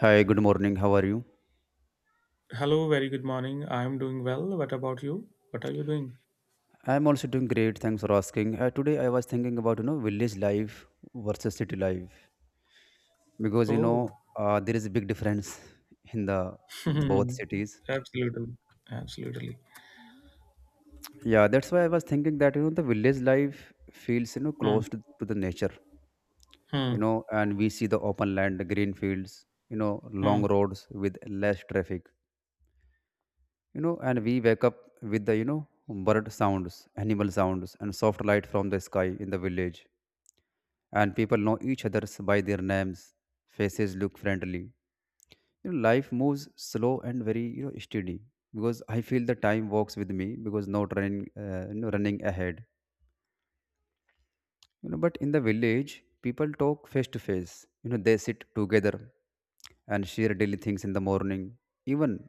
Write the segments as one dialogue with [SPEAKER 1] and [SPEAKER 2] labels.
[SPEAKER 1] Hi, good morning. How are you?
[SPEAKER 2] Hello, very good morning. I'm doing well. What about you? What are you doing?
[SPEAKER 1] I'm also doing great. Thanks for asking. Today I was thinking about village life versus city life because
[SPEAKER 2] Oh,
[SPEAKER 1] there is a big difference in the both cities.
[SPEAKER 2] absolutely. Absolutely.
[SPEAKER 1] Yeah, that's why I was thinking that the village life feels
[SPEAKER 2] Hmm.
[SPEAKER 1] close to the nature,
[SPEAKER 2] Hmm.
[SPEAKER 1] and we see the open land, the green fields, long
[SPEAKER 2] Hmm.
[SPEAKER 1] roads with less traffic, and we wake up with the bird sounds, animal sounds, and soft light from the sky in the village, and people know each other's by their names. Faces look friendly. Life moves slow and very steady because I feel the time walks with me, because not running ahead. But in the village, people talk face to face. They sit together and share daily things in the morning. Even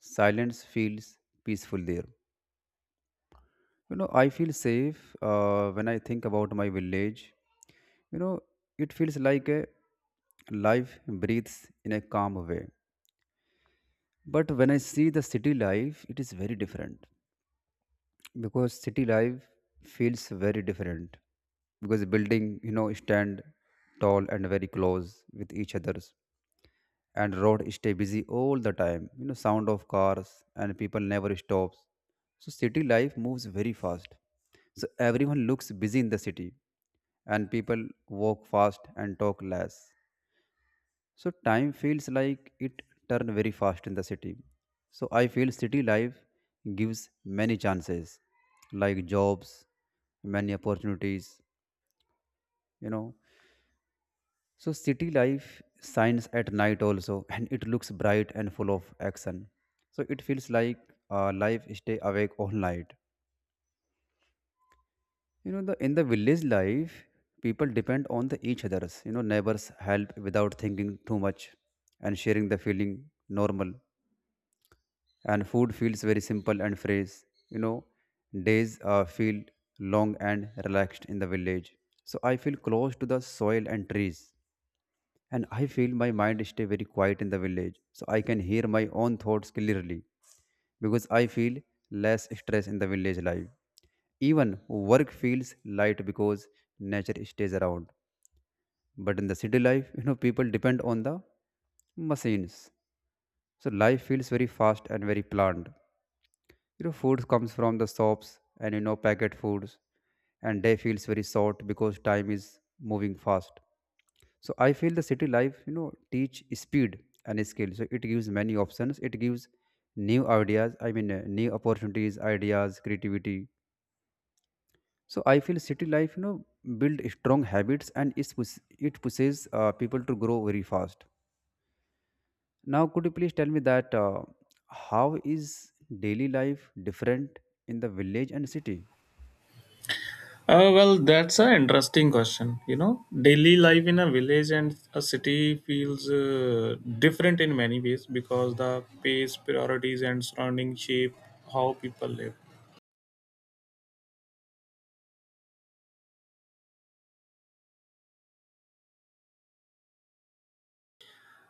[SPEAKER 1] silence feels peaceful there. I feel safe when I think about my village. You know, it feels like a life breathes in a calm way. But when I see the city life, it is very different, because city life feels very different, because building, stand tall and very close with each other. And road stay busy all the time. Sound of cars and people never stops. So city life moves very fast. So everyone looks busy in the city, and people walk fast and talk less. So time feels like it turn very fast in the city. So I feel city life gives many chances, like jobs, many opportunities, you know So city life shines at night also, and it looks bright and full of action. So it feels like life stay awake all night. You know, the in the village life, people depend on the each others. Neighbors help without thinking too much, and sharing the feeling normal. And food feels very simple and fresh. You know, days feel long and relaxed in the village. So I feel close to the soil and trees, and I feel my mind stay very quiet in the village, so I can hear my own thoughts clearly, because I feel less stress in the village life. Even work feels light because nature stays around. But in the city life, people depend on the machines. So life feels very fast and very planned. Food comes from the shops and packet foods, and day feels very short because time is moving fast. So I feel the city life teach speed and skill. So it gives many options. It gives new ideas, I mean, new opportunities, ideas, creativity. So I feel city life build strong habits, and it pushes people to grow very fast. Now could you please tell me that how is daily life different in the village and city?
[SPEAKER 2] Well, that's an interesting question. Daily life in a village and a city feels different in many ways because the pace, priorities, and surrounding shape how people live.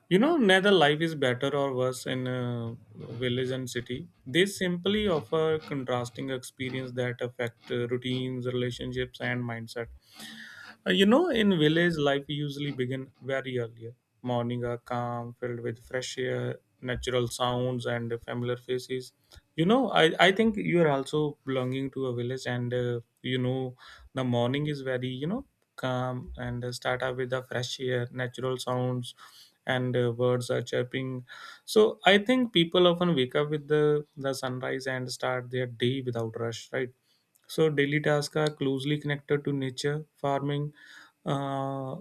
[SPEAKER 2] Neither life is better or worse in a village and city. They simply offer contrasting experience that affect routines, relationships, and mindset. In village life, we usually begin very early. Morning are calm, filled with fresh air, natural sounds, and familiar faces. I think you are also belonging to a village, and the morning is very, calm and start up with the fresh air, natural sounds, and birds are chirping. So I think people often wake up with the sunrise and start their day without rush, right? So daily tasks are closely connected to nature, farming, uh,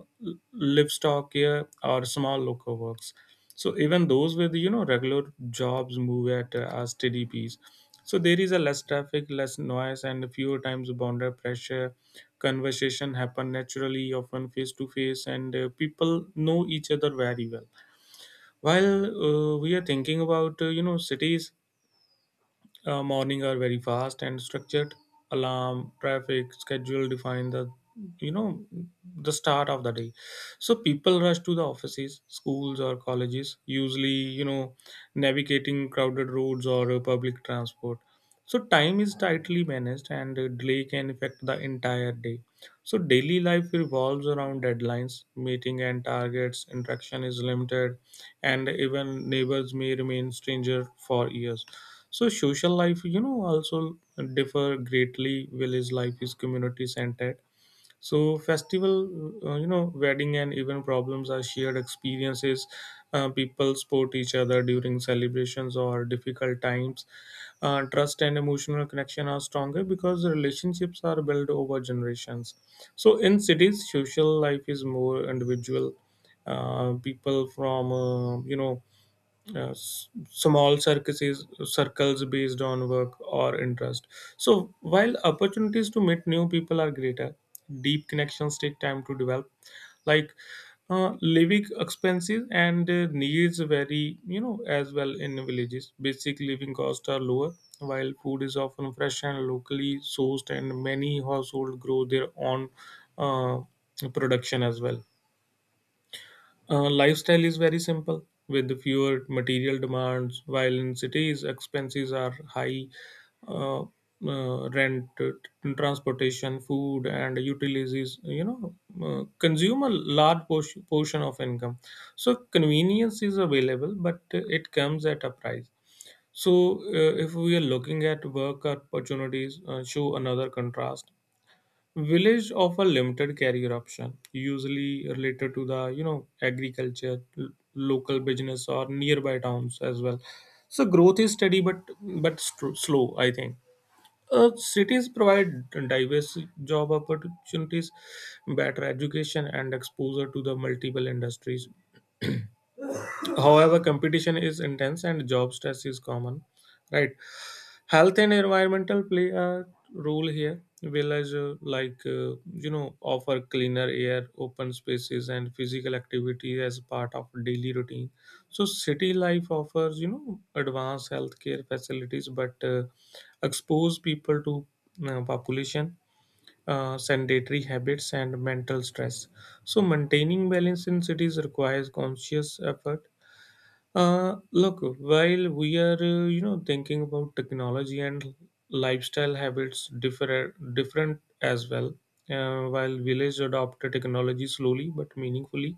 [SPEAKER 2] livestock care, or small local works. So even those with regular jobs move at a steady pace. So there is a less traffic, less noise, and fewer times boundary pressure. Conversation happen naturally, often face to face, and people know each other very well. While we are thinking about cities, morning are very fast and structured. Alarm, traffic, schedule define the you know the start of the day. So people rush to the offices, schools or colleges. Usually, navigating crowded roads or public transport. So time is tightly managed, and delay can affect the entire day. So daily life revolves around deadlines, meeting and targets. Interaction is limited, and even neighbors may remain stranger for years. So social life, also differ greatly. Village life is community centered. So festival, wedding and even problems are shared experiences. People support each other during celebrations or difficult times. Trust and emotional connection are stronger because relationships are built over generations. So in cities, social life is more individual. People from small circuses circles based on work or interest. So while opportunities to meet new people are greater, deep connections take time to develop. Like, living expenses and needs vary, as well. In villages, basic living costs are lower, while food is often fresh and locally sourced, and many households grow their own uh, production as well. Lifestyle is very simple with fewer material demands, while in cities expenses are high. Uh, Rent, transportation, food, and utilities, consume a large portion of income. So convenience is available, but it comes at a price. So, if we are looking at work opportunities, show another contrast. Village offer limited career option, usually related to the agriculture, local business, or nearby towns as well. So growth is steady, but slow, I think. Cities provide diverse job opportunities, better education, and exposure to the multiple industries. However, competition is intense and job stress is common, right? Health and environmental play a role here. Village, like, offer cleaner air, open spaces, and physical activity as part of daily routine. So city life offers advanced healthcare facilities, but expose people to population, sedentary habits, and mental stress. So maintaining balance in cities requires conscious effort. Look, while we are thinking about technology and lifestyle habits differ different as well. While villages adopt technology slowly but meaningfully,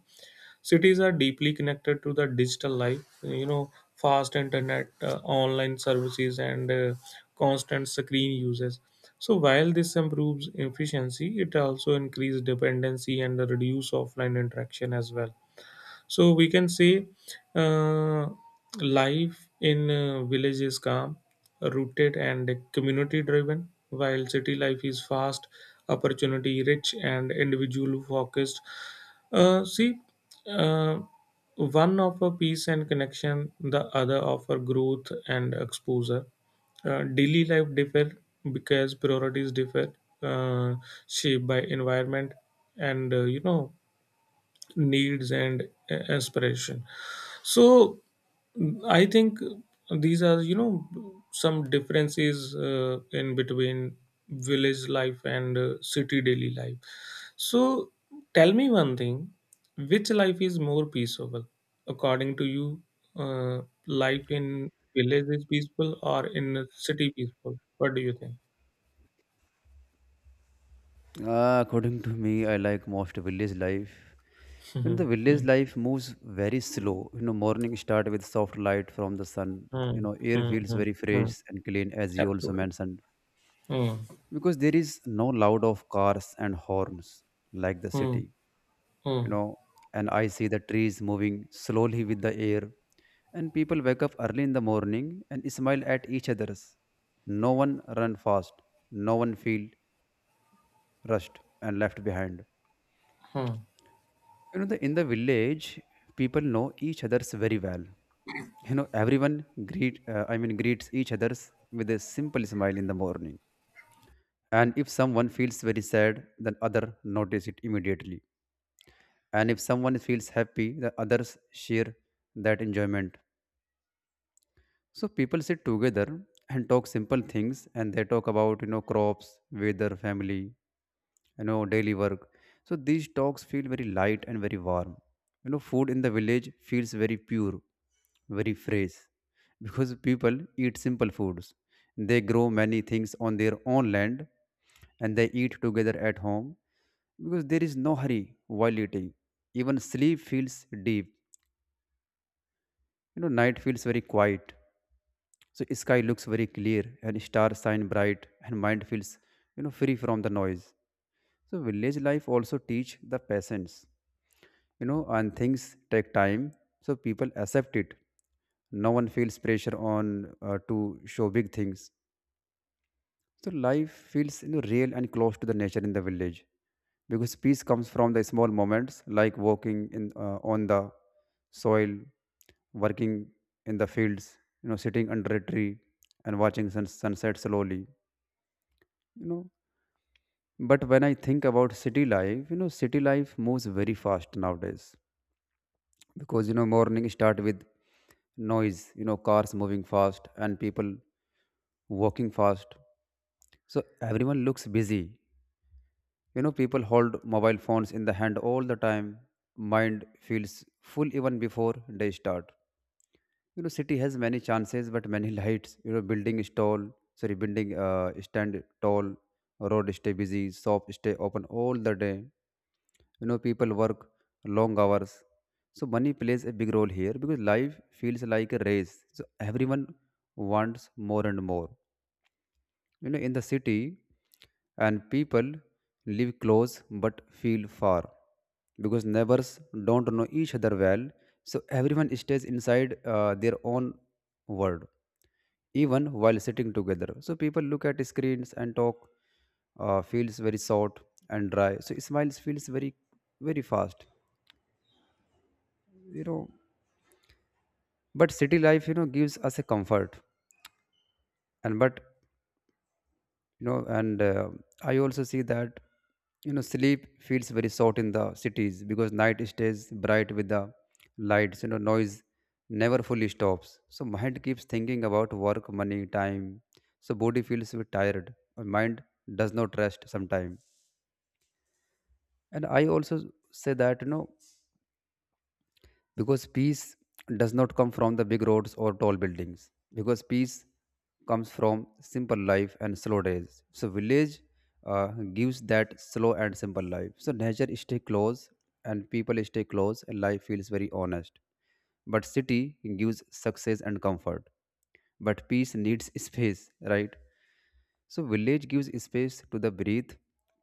[SPEAKER 2] cities are deeply connected to the digital life. Fast internet, online services, and constant screen uses. So while this improves efficiency, it also increases dependency and the reduce offline interaction as well. So we can say uh, life in village is calm, rooted, and community driven, while city life is fast, opportunity rich, and individual focused. See, uh, one offer peace and connection, the other offer growth and exposure. Daily life differ because priorities differ, uh, shaped by environment and needs and aspiration. So I think these are some differences in between village life and city daily life. So tell me one thing, which life is more peaceful according to you? Life in village is peaceful or in a city peaceful, what do you think?
[SPEAKER 1] According to me, I like most village life. The village life moves very slow. Morning start with soft light from the sun. You
[SPEAKER 2] Hmm,
[SPEAKER 1] know, air
[SPEAKER 2] hmm, hmm,
[SPEAKER 1] feels
[SPEAKER 2] hmm, hmm,
[SPEAKER 1] very fresh
[SPEAKER 2] hmm.
[SPEAKER 1] and clean, as you also
[SPEAKER 2] Absolutely.
[SPEAKER 1] mentioned,
[SPEAKER 2] Hmm,
[SPEAKER 1] because there is no loud of cars and horns like the
[SPEAKER 2] hmm,
[SPEAKER 1] city. You
[SPEAKER 2] hmm,
[SPEAKER 1] know, and I see the trees moving slowly with the air, and people wake up early in the morning and smile at each other's. No one run fast. No one feel rushed and left behind.
[SPEAKER 2] hmm.
[SPEAKER 1] In the village, people know each other's very well. Everyone greet, I mean, greets each other's with a simple smile in the morning. And if someone feels very sad, then other notice it immediately. And if someone feels happy, the others share that enjoyment. So people sit together and talk simple things, and they talk about crops, weather, family, daily work. So these talks feel very light and very warm. Food in the village feels very pure, very fresh, because people eat simple foods. They grow many things on their own land, and they eat together at home, because there is no hurry while eating. Even sleep feels deep. Night feels very quiet. So sky looks very clear and stars shine bright, and mind feels, free from the noise. So village life also teach the patience, and things take time. So people accept it. No one feels pressure on to show big things. So life feels real and close to the nature in the village, because peace comes from the small moments, like walking in on the soil, working in the fields, sitting under a tree and watching sunset slowly, you know. But when I think about city life, city life moves very fast nowadays, because morning start with noise, cars moving fast and people walking fast. So everyone looks busy. People hold mobile phones in the hand all the time. Mind feels full even before they start. City has many chances, but many lights. Building is tall. Sorry, building stand tall. Road stay busy. Shop stay open all the day. People work long hours. So money plays a big role here, because life feels like a race. So everyone wants more and more, in the city, and people live close but feel far, because neighbors don't know each other well. So everyone stays inside their own world, even while sitting together. So people look at screens and talk feels very short and dry. So smiles feels very, very fast. You know, but city life gives us a comfort, and but and I also see that sleep feels very short in the cities, because night stays bright with the lights. Noise never fully stops, so mind keeps thinking about work, money, time. So body feels a bit tired, and mind does not rest sometime. And I also say that because peace does not come from the big roads or tall buildings, because peace comes from simple life and slow days. So village uh, gives that slow and simple life. So nature stay close, and people stay close, and life feels very honest. But city gives success and comfort, but peace needs space, right? So village gives space to the breathe,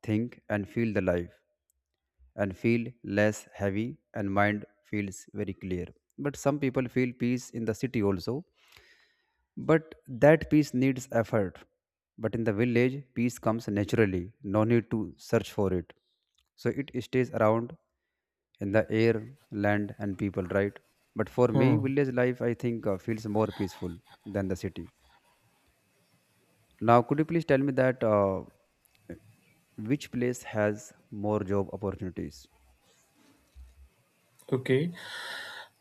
[SPEAKER 1] think, and feel the life, and feel less heavy, and mind feels very clear. But some people feel peace in the city also, but that peace needs effort. But in the village, peace comes naturally, no need to search for it, so it stays around in the air, land, and people, right? But for me,
[SPEAKER 2] Hmm.
[SPEAKER 1] village life, I think, feels more peaceful than the city. Now could you please tell me that which place has more job opportunities?
[SPEAKER 2] Okay.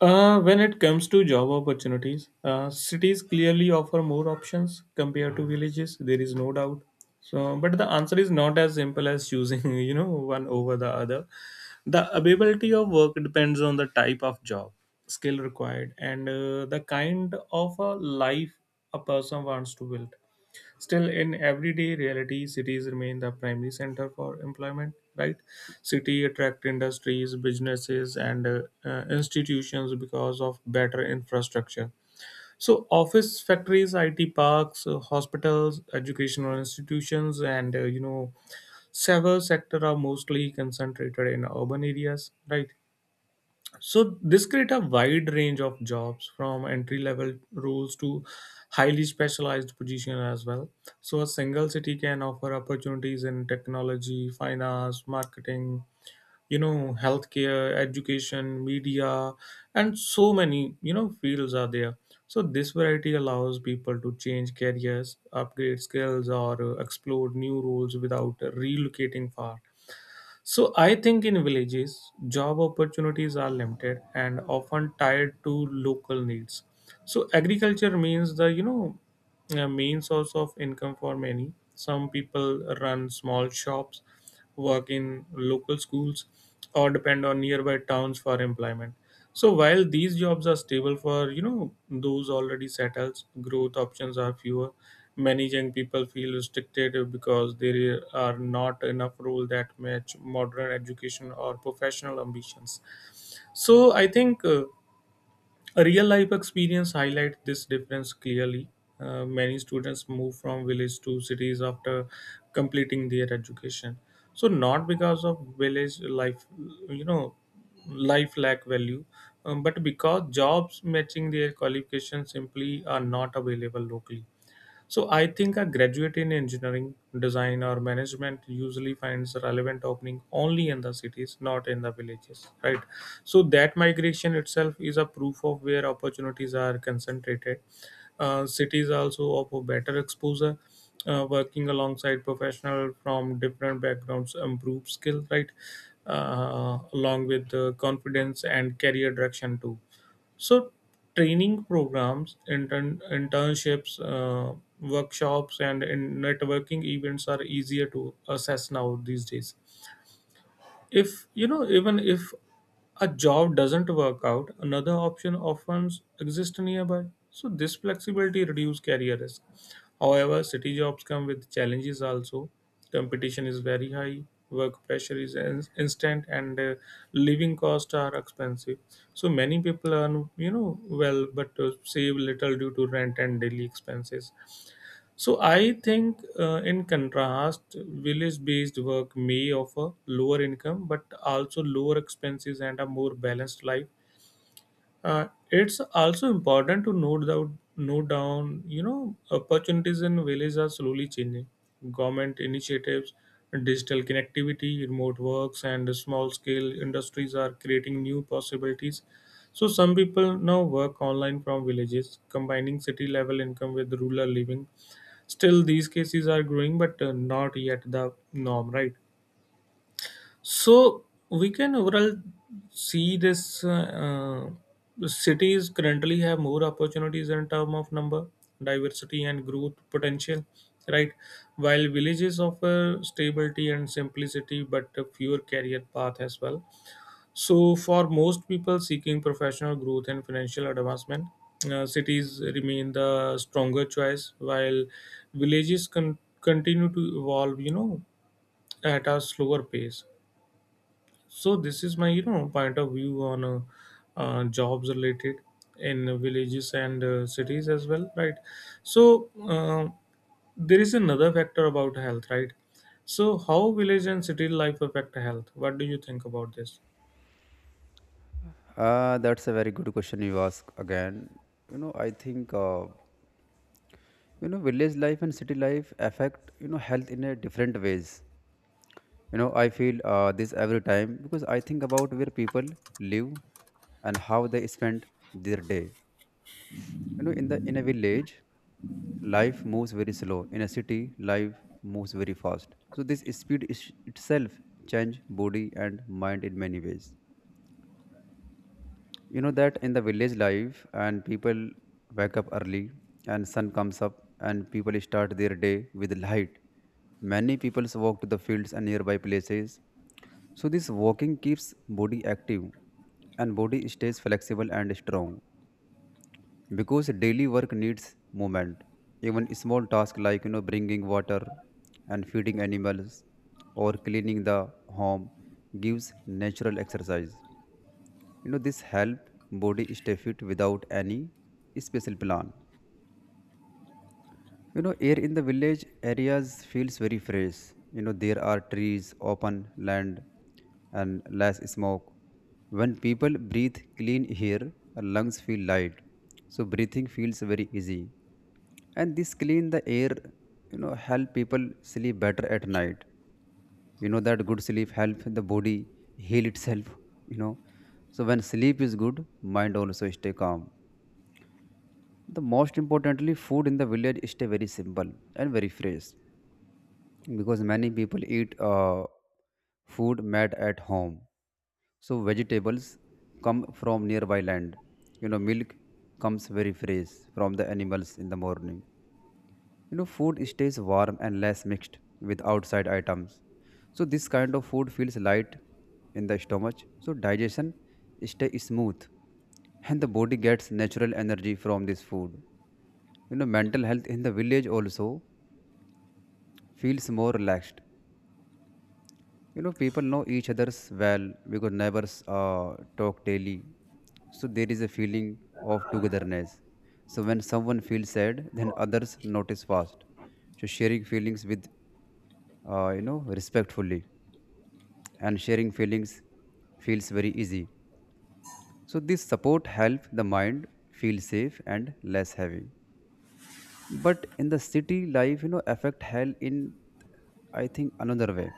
[SPEAKER 2] When it comes to job opportunities, cities clearly offer more options compared to villages. There is no doubt. So, but the answer is not as simple as choosing, one over the other. The availability of work depends on the type of job, skill required, and the kind of a life a person wants to build. Still, in everyday reality, cities remain the primary center for employment, right? City attract industries, businesses, and institutions because of better infrastructure. So, office, factories, IT parks, hospitals, educational institutions, and several sector are mostly concentrated in urban areas, right? So this create a wide range of jobs from entry level roles to highly specialized position as well. So a single city can offer opportunities in technology, finance, marketing, healthcare, education, media, and so many, fields are there. So this variety allows people to change careers, upgrade skills, or explore new roles without relocating far. So I think in villages, job opportunities are limited and often tied to local needs. So agriculture means the you know a main source of income for many. Some people run small shops, work in local schools, or depend on nearby towns for employment. So while these jobs are stable for those already settled, growth options are fewer. Many young people feel restricted because there are not enough roles that match modern education or professional ambitions. So I think. A real life experience highlights this difference clearly. Many students move from village to cities after completing their education. So not because of village life, you know, life lack value, but because jobs matching their qualifications simply are not available locally. So I think a graduate in engineering, design, or management usually finds relevant opening only in the cities, not in the villages, right? So that migration itself is a proof of where opportunities are concentrated. Cities also offer better exposure. Working alongside professionals from different backgrounds improve skill, right? Along with confidence and career direction too. So, training programs, internships, workshops, and in networking events are easier to assess now these days. If even if a job doesn't work out, another option often exists nearby. So this flexibility reduces career risk. However, city jobs come with challenges also. Competition is very high, work pressure is instant, and living costs are expensive. So many people earn well, but save little due to rent and daily expenses. So I think, in contrast, village-based work may offer lower income but also lower expenses and a more balanced life. It's also important to note down, opportunities in villages are slowly changing. Government initiatives, digital connectivity, remote works, and small-scale industries are creating new possibilities. So some people now work online from villages, combining city-level income with rural living. Still, these cases are growing, but not yet the norm, right? So we can overall see this cities currently have more opportunities in term of number, diversity, and growth potential, right? While villages offer stability and simplicity, but a fewer career path as well. So for most people seeking professional growth and financial advancement, cities remain the stronger choice, while villages continue to evolve. At a slower pace. So this is my point of view on jobs related in villages and cities as well, right? So, there is another factor about health, right? So how village and city life affect health, what do you think about this?
[SPEAKER 1] That's a very good question you ask again. I think village life and city life affect health in a different ways. I feel this every time, because I think about where people live and how they spend their day. In a village, life moves very slow. In a city, life moves very fast. So this speed is itself change body and mind in many ways. That in the village life, and people wake up early, and sun comes up, and people start their day with light. Many people walk to the fields and nearby places, so this walking keeps body active, and body stays flexible and strong, because daily work needs movement. Even small tasks like bringing water and feeding animals or cleaning the home gives natural exercise. This help body stay fit without any special plan. Air in the village areas feels very fresh. There are trees, open land, and less smoke. When people breathe clean air, lungs feel light, so breathing feels very easy. And this clean the air help people sleep better at night. That good sleep help the body heal itself you know so when sleep is good, mind also stay calm. The most importantly, food in the village is stay very simple and very fresh, because many people eat food made at home. So vegetables come from nearby land. Milk comes very fresh from the animals in the morning. Food stays warm and less mixed with outside items. So this kind of food feels light in the stomach. So digestion stay smooth and the body gets natural energy from this food, you know. Mental health in the village also feels more relaxed. You know, people know each other's well because neighbors talk daily, so there is a feeling of togetherness. So when someone feels sad, then others notice fast. So sharing feelings with, you know, respectfully, and sharing feelings feels very easy. So this support helps the mind feel safe and less heavy. But in the city life, you know, affect health in, I think, another way,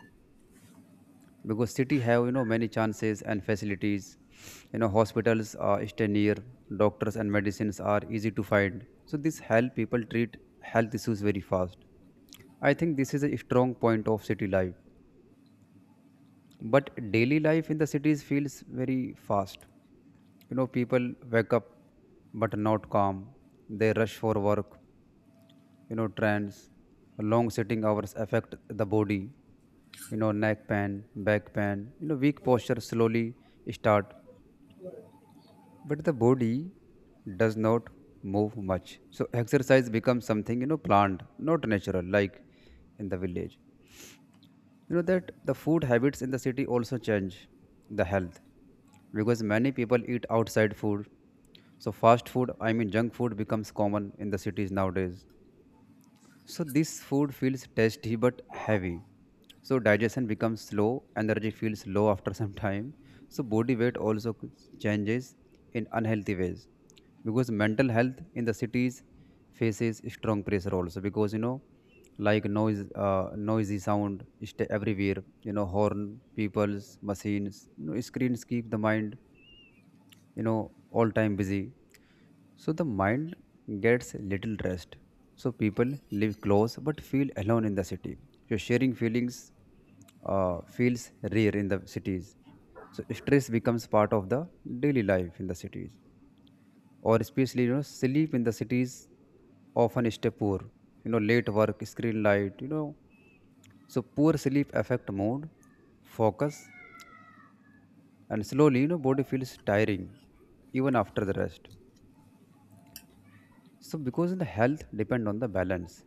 [SPEAKER 1] because city have, you know, many chances and facilities. You know, hospitals stay near. Doctors and medicines are easy to find, so this help people treat health issues very fast. I think this is a strong point of city life. But daily life in the cities feels very fast. You know, people wake up but not calm. They rush for work. You know, trends, long sitting hours affect the body. You know, neck pain, back pain, you know, weak posture slowly start, but the body does not move much. So exercise becomes something, you know, planned, not natural like in the village. You know that the food habits in the city also change the health, because many people eat outside food. So fast food, I mean junk food, becomes common in the cities nowadays. So this food feels tasty but heavy. So digestion becomes slow, energy feels low after some time. So body weight also changes in unhealthy ways, because mental health in the cities faces strong pressure also, because, you know, like noise, noisy sound is everywhere. You know, horn, people's machines, you know, screens keep the mind, you know, all time busy. So the mind gets little rest. So people live close but feel alone in the city. So sharing feelings feels rare in the cities. So stress becomes part of the daily life in the cities. Or especially, you know, sleep in the cities often stay poor. You know, late work, screen light, you know. So poor sleep affect mood, focus, and slowly, you know, body feels tiring even after the rest. So because the health depend on the balance,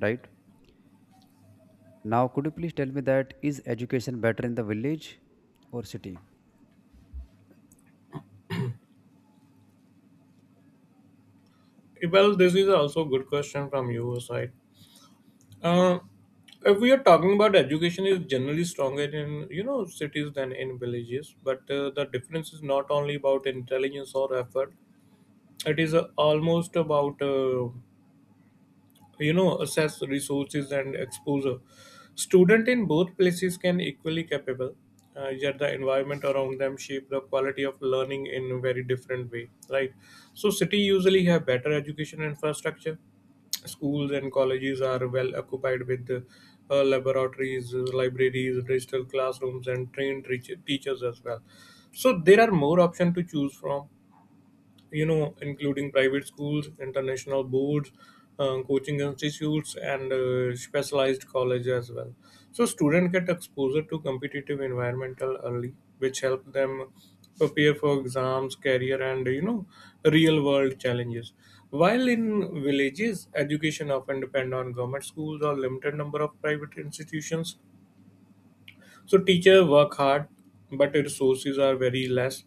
[SPEAKER 1] right? Now could you please tell me that is education better in the village or city?
[SPEAKER 2] Well, this is also a good question from your side. uh, if we are talking about education is generally stronger in cities than in villages, but the difference is not only about intelligence or effort. It is almost about assess resources and exposure. Student in both places can equally capable, yet the environment around them shape the quality of learning in a very different way, right? So city usually have better education infrastructure. Schools and colleges are well occupied with laboratories, libraries, digital classrooms, and trained teachers as well. So there are more options to choose from, including private schools, international boards, coaching institutes, and specialized college as well. So students get exposure to competitive environmental early, which help them prepare for exams, career, and real world challenges. While in villages, education often depend on government schools or limited number of private institutions. So teachers work hard, but resources are very less.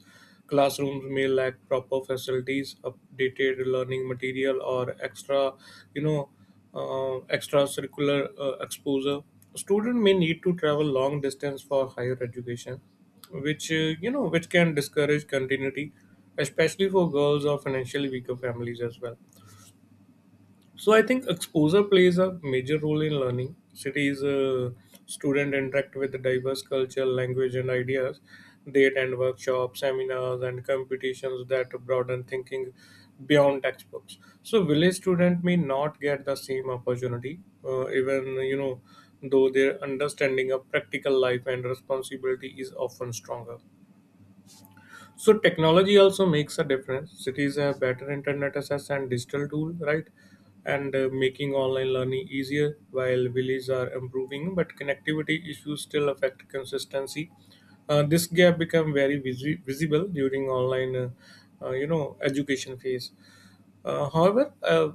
[SPEAKER 2] Classrooms may lack proper facilities, updated learning material, or extra, you know, extracurricular exposure. Student may need to travel long distance for higher education, which can discourage continuity, especially for girls or financially weaker families as well. So I think exposure plays a major role in learning. Cities, student interact with diverse culture, language, and ideas. They attend workshops, seminars, and competitions that broaden thinking beyond textbooks. So village student may not get the same opportunity, even you know, though their understanding of practical life and responsibility is often stronger. So technology also makes a difference. Cities have better internet access and digital tool, right? And making online learning easier while villages are improving, but connectivity issues still affect consistency. This gap become very visible during online, education phase. However, uh,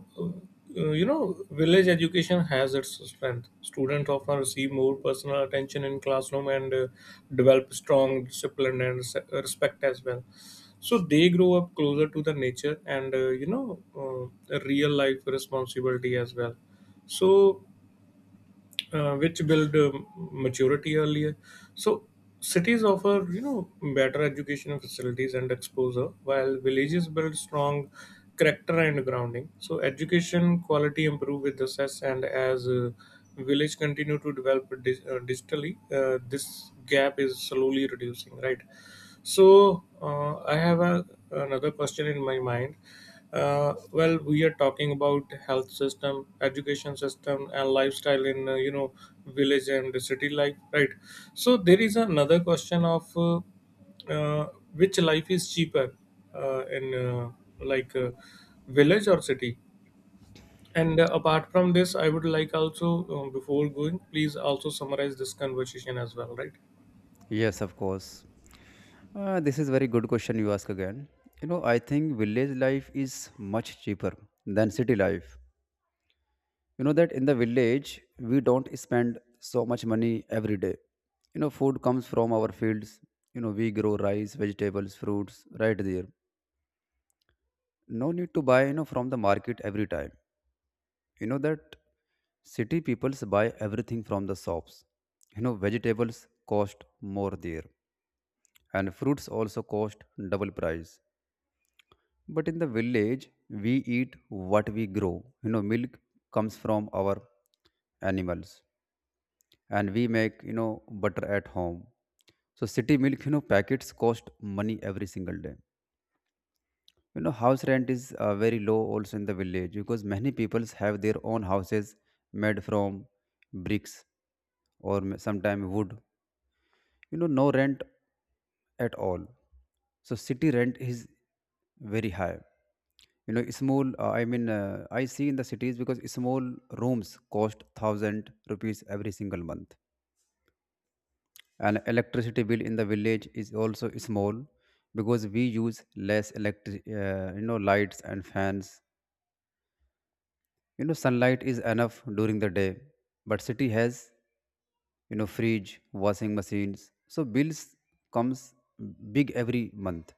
[SPEAKER 2] uh, you know, village education has its strength. Students often receive more personal attention in classroom and develop strong discipline and respect as well. So they grow up closer to the nature and real life responsibility as well. So which build maturity earlier. So cities offer better educational facilities and exposure, while villages build strong character and grounding. So education quality improve with the success, and as village continue to develop digitally, this gap is slowly reducing. Right. So I have another question in my mind. Well, we are talking about health system, education system, and lifestyle in village and the city life, right? So there is another question of uh, which life is cheaper in, like, village or city. And apart from this, I would like also, before going, please also summarize this conversation as well, right?
[SPEAKER 1] Yes, of course. This is very good question you ask again. You know, I think village life is much cheaper than city life. You know that in the village we don't spend so much money every day. You know, food comes from our fields. You know, we grow rice, vegetables, fruits right there. No need to buy, you know, from the market every time. You know that city peoples buy everything from the shops. You know, vegetables cost more there, and fruits also cost double price. But in the village we eat what we grow. You know, milk comes from our animals, and we make, you know, butter at home. So city milk, you know, packets cost money every single day. You know, house rent is very low also in the village, because many peoples have their own houses made from bricks or sometime wood. You know, no rent at all. So city rent is very high. You know, small, I see in the cities, because small rooms cost 1,000 rupees every single month. And electricity bill in the village is also small, because we use less electric, you know, lights and fans. You know, sunlight is enough during the day, but city has, you know, fridge, washing machines. So bills comes big every month.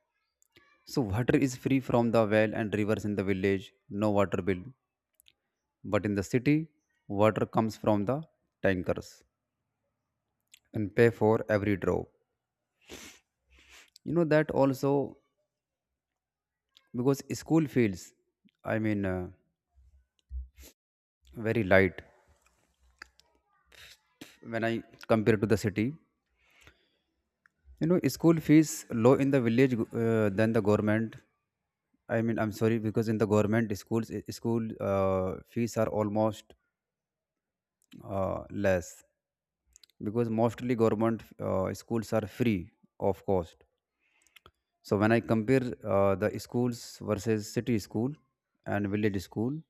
[SPEAKER 1] So water is free from the well and rivers in the village. No water bill. But in the city, water comes from the tankers, and pay for every drop. You know that also, because school feels, i mean uh, very light when I compare to the city. You know, school fees low in the village than the government. I mean, I'm sorry, because in the government schools, school fees are almost less, because mostly government schools are free of cost. So when I compare the schools versus city school and village school,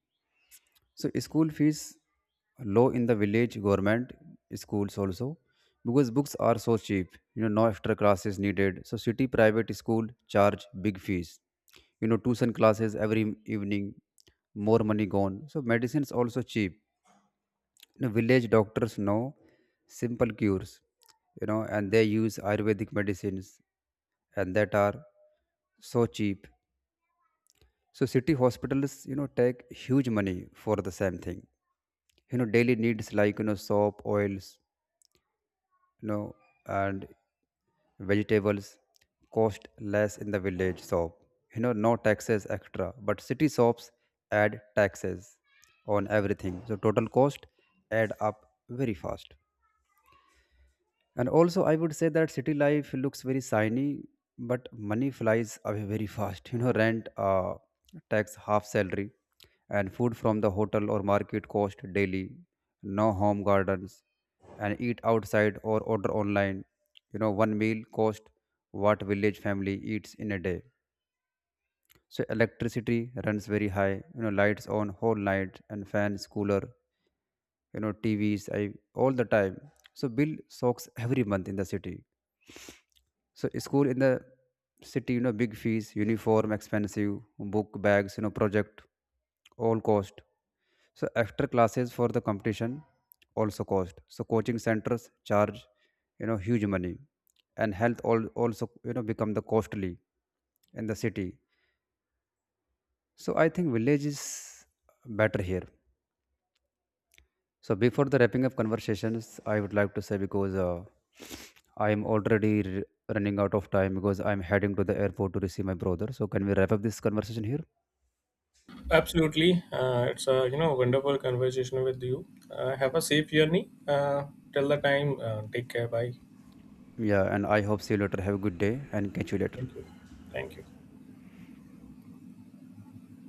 [SPEAKER 1] so school fees low in the village government schools also, because books are so cheap. You know, no extra classes needed. So city private school charge big fees. You know, tuition classes every evening, more money gone. So medicines also cheap. You know, village doctors know simple cures. You know, and they use Ayurvedic medicines, and that are so cheap. So city hospitals, you know, take huge money for the same thing. You know, daily needs like, you know, soap, oils, you know, and vegetables cost less in the village shop. You know, no taxes extra, but city shops add taxes on everything, so total cost add up very fast. And also, I would say that city life looks very shiny, but money flies away very fast. You know, rent, tax, half salary, and food from the hotel or market cost daily. No home gardens, and eat outside or order online. You know, one meal cost what village family eats in a day. So electricity runs very high. You know, lights on whole night and fans, cooler. You know, TVs, I all the time. So bill soaks every month in the city. So school in the city, you know, big fees, uniform, expensive, book bags, you know, project, all cost. So extra classes for the competition also cost. So coaching centers charge, you know, huge money, and health all also, you know, become the costly in the city. So I think village is better here. So before the wrapping up conversations, I would like to say, because I am already running out of time, because I'm heading to the airport to receive my brother. So can we wrap up this conversation here?
[SPEAKER 2] Absolutely. It's a wonderful conversation with you. Have a safe journey. Till the time, take care. Bye.
[SPEAKER 1] Yeah, and I hope see you later. Have a good day and catch you later.
[SPEAKER 2] Thank you. Thank you.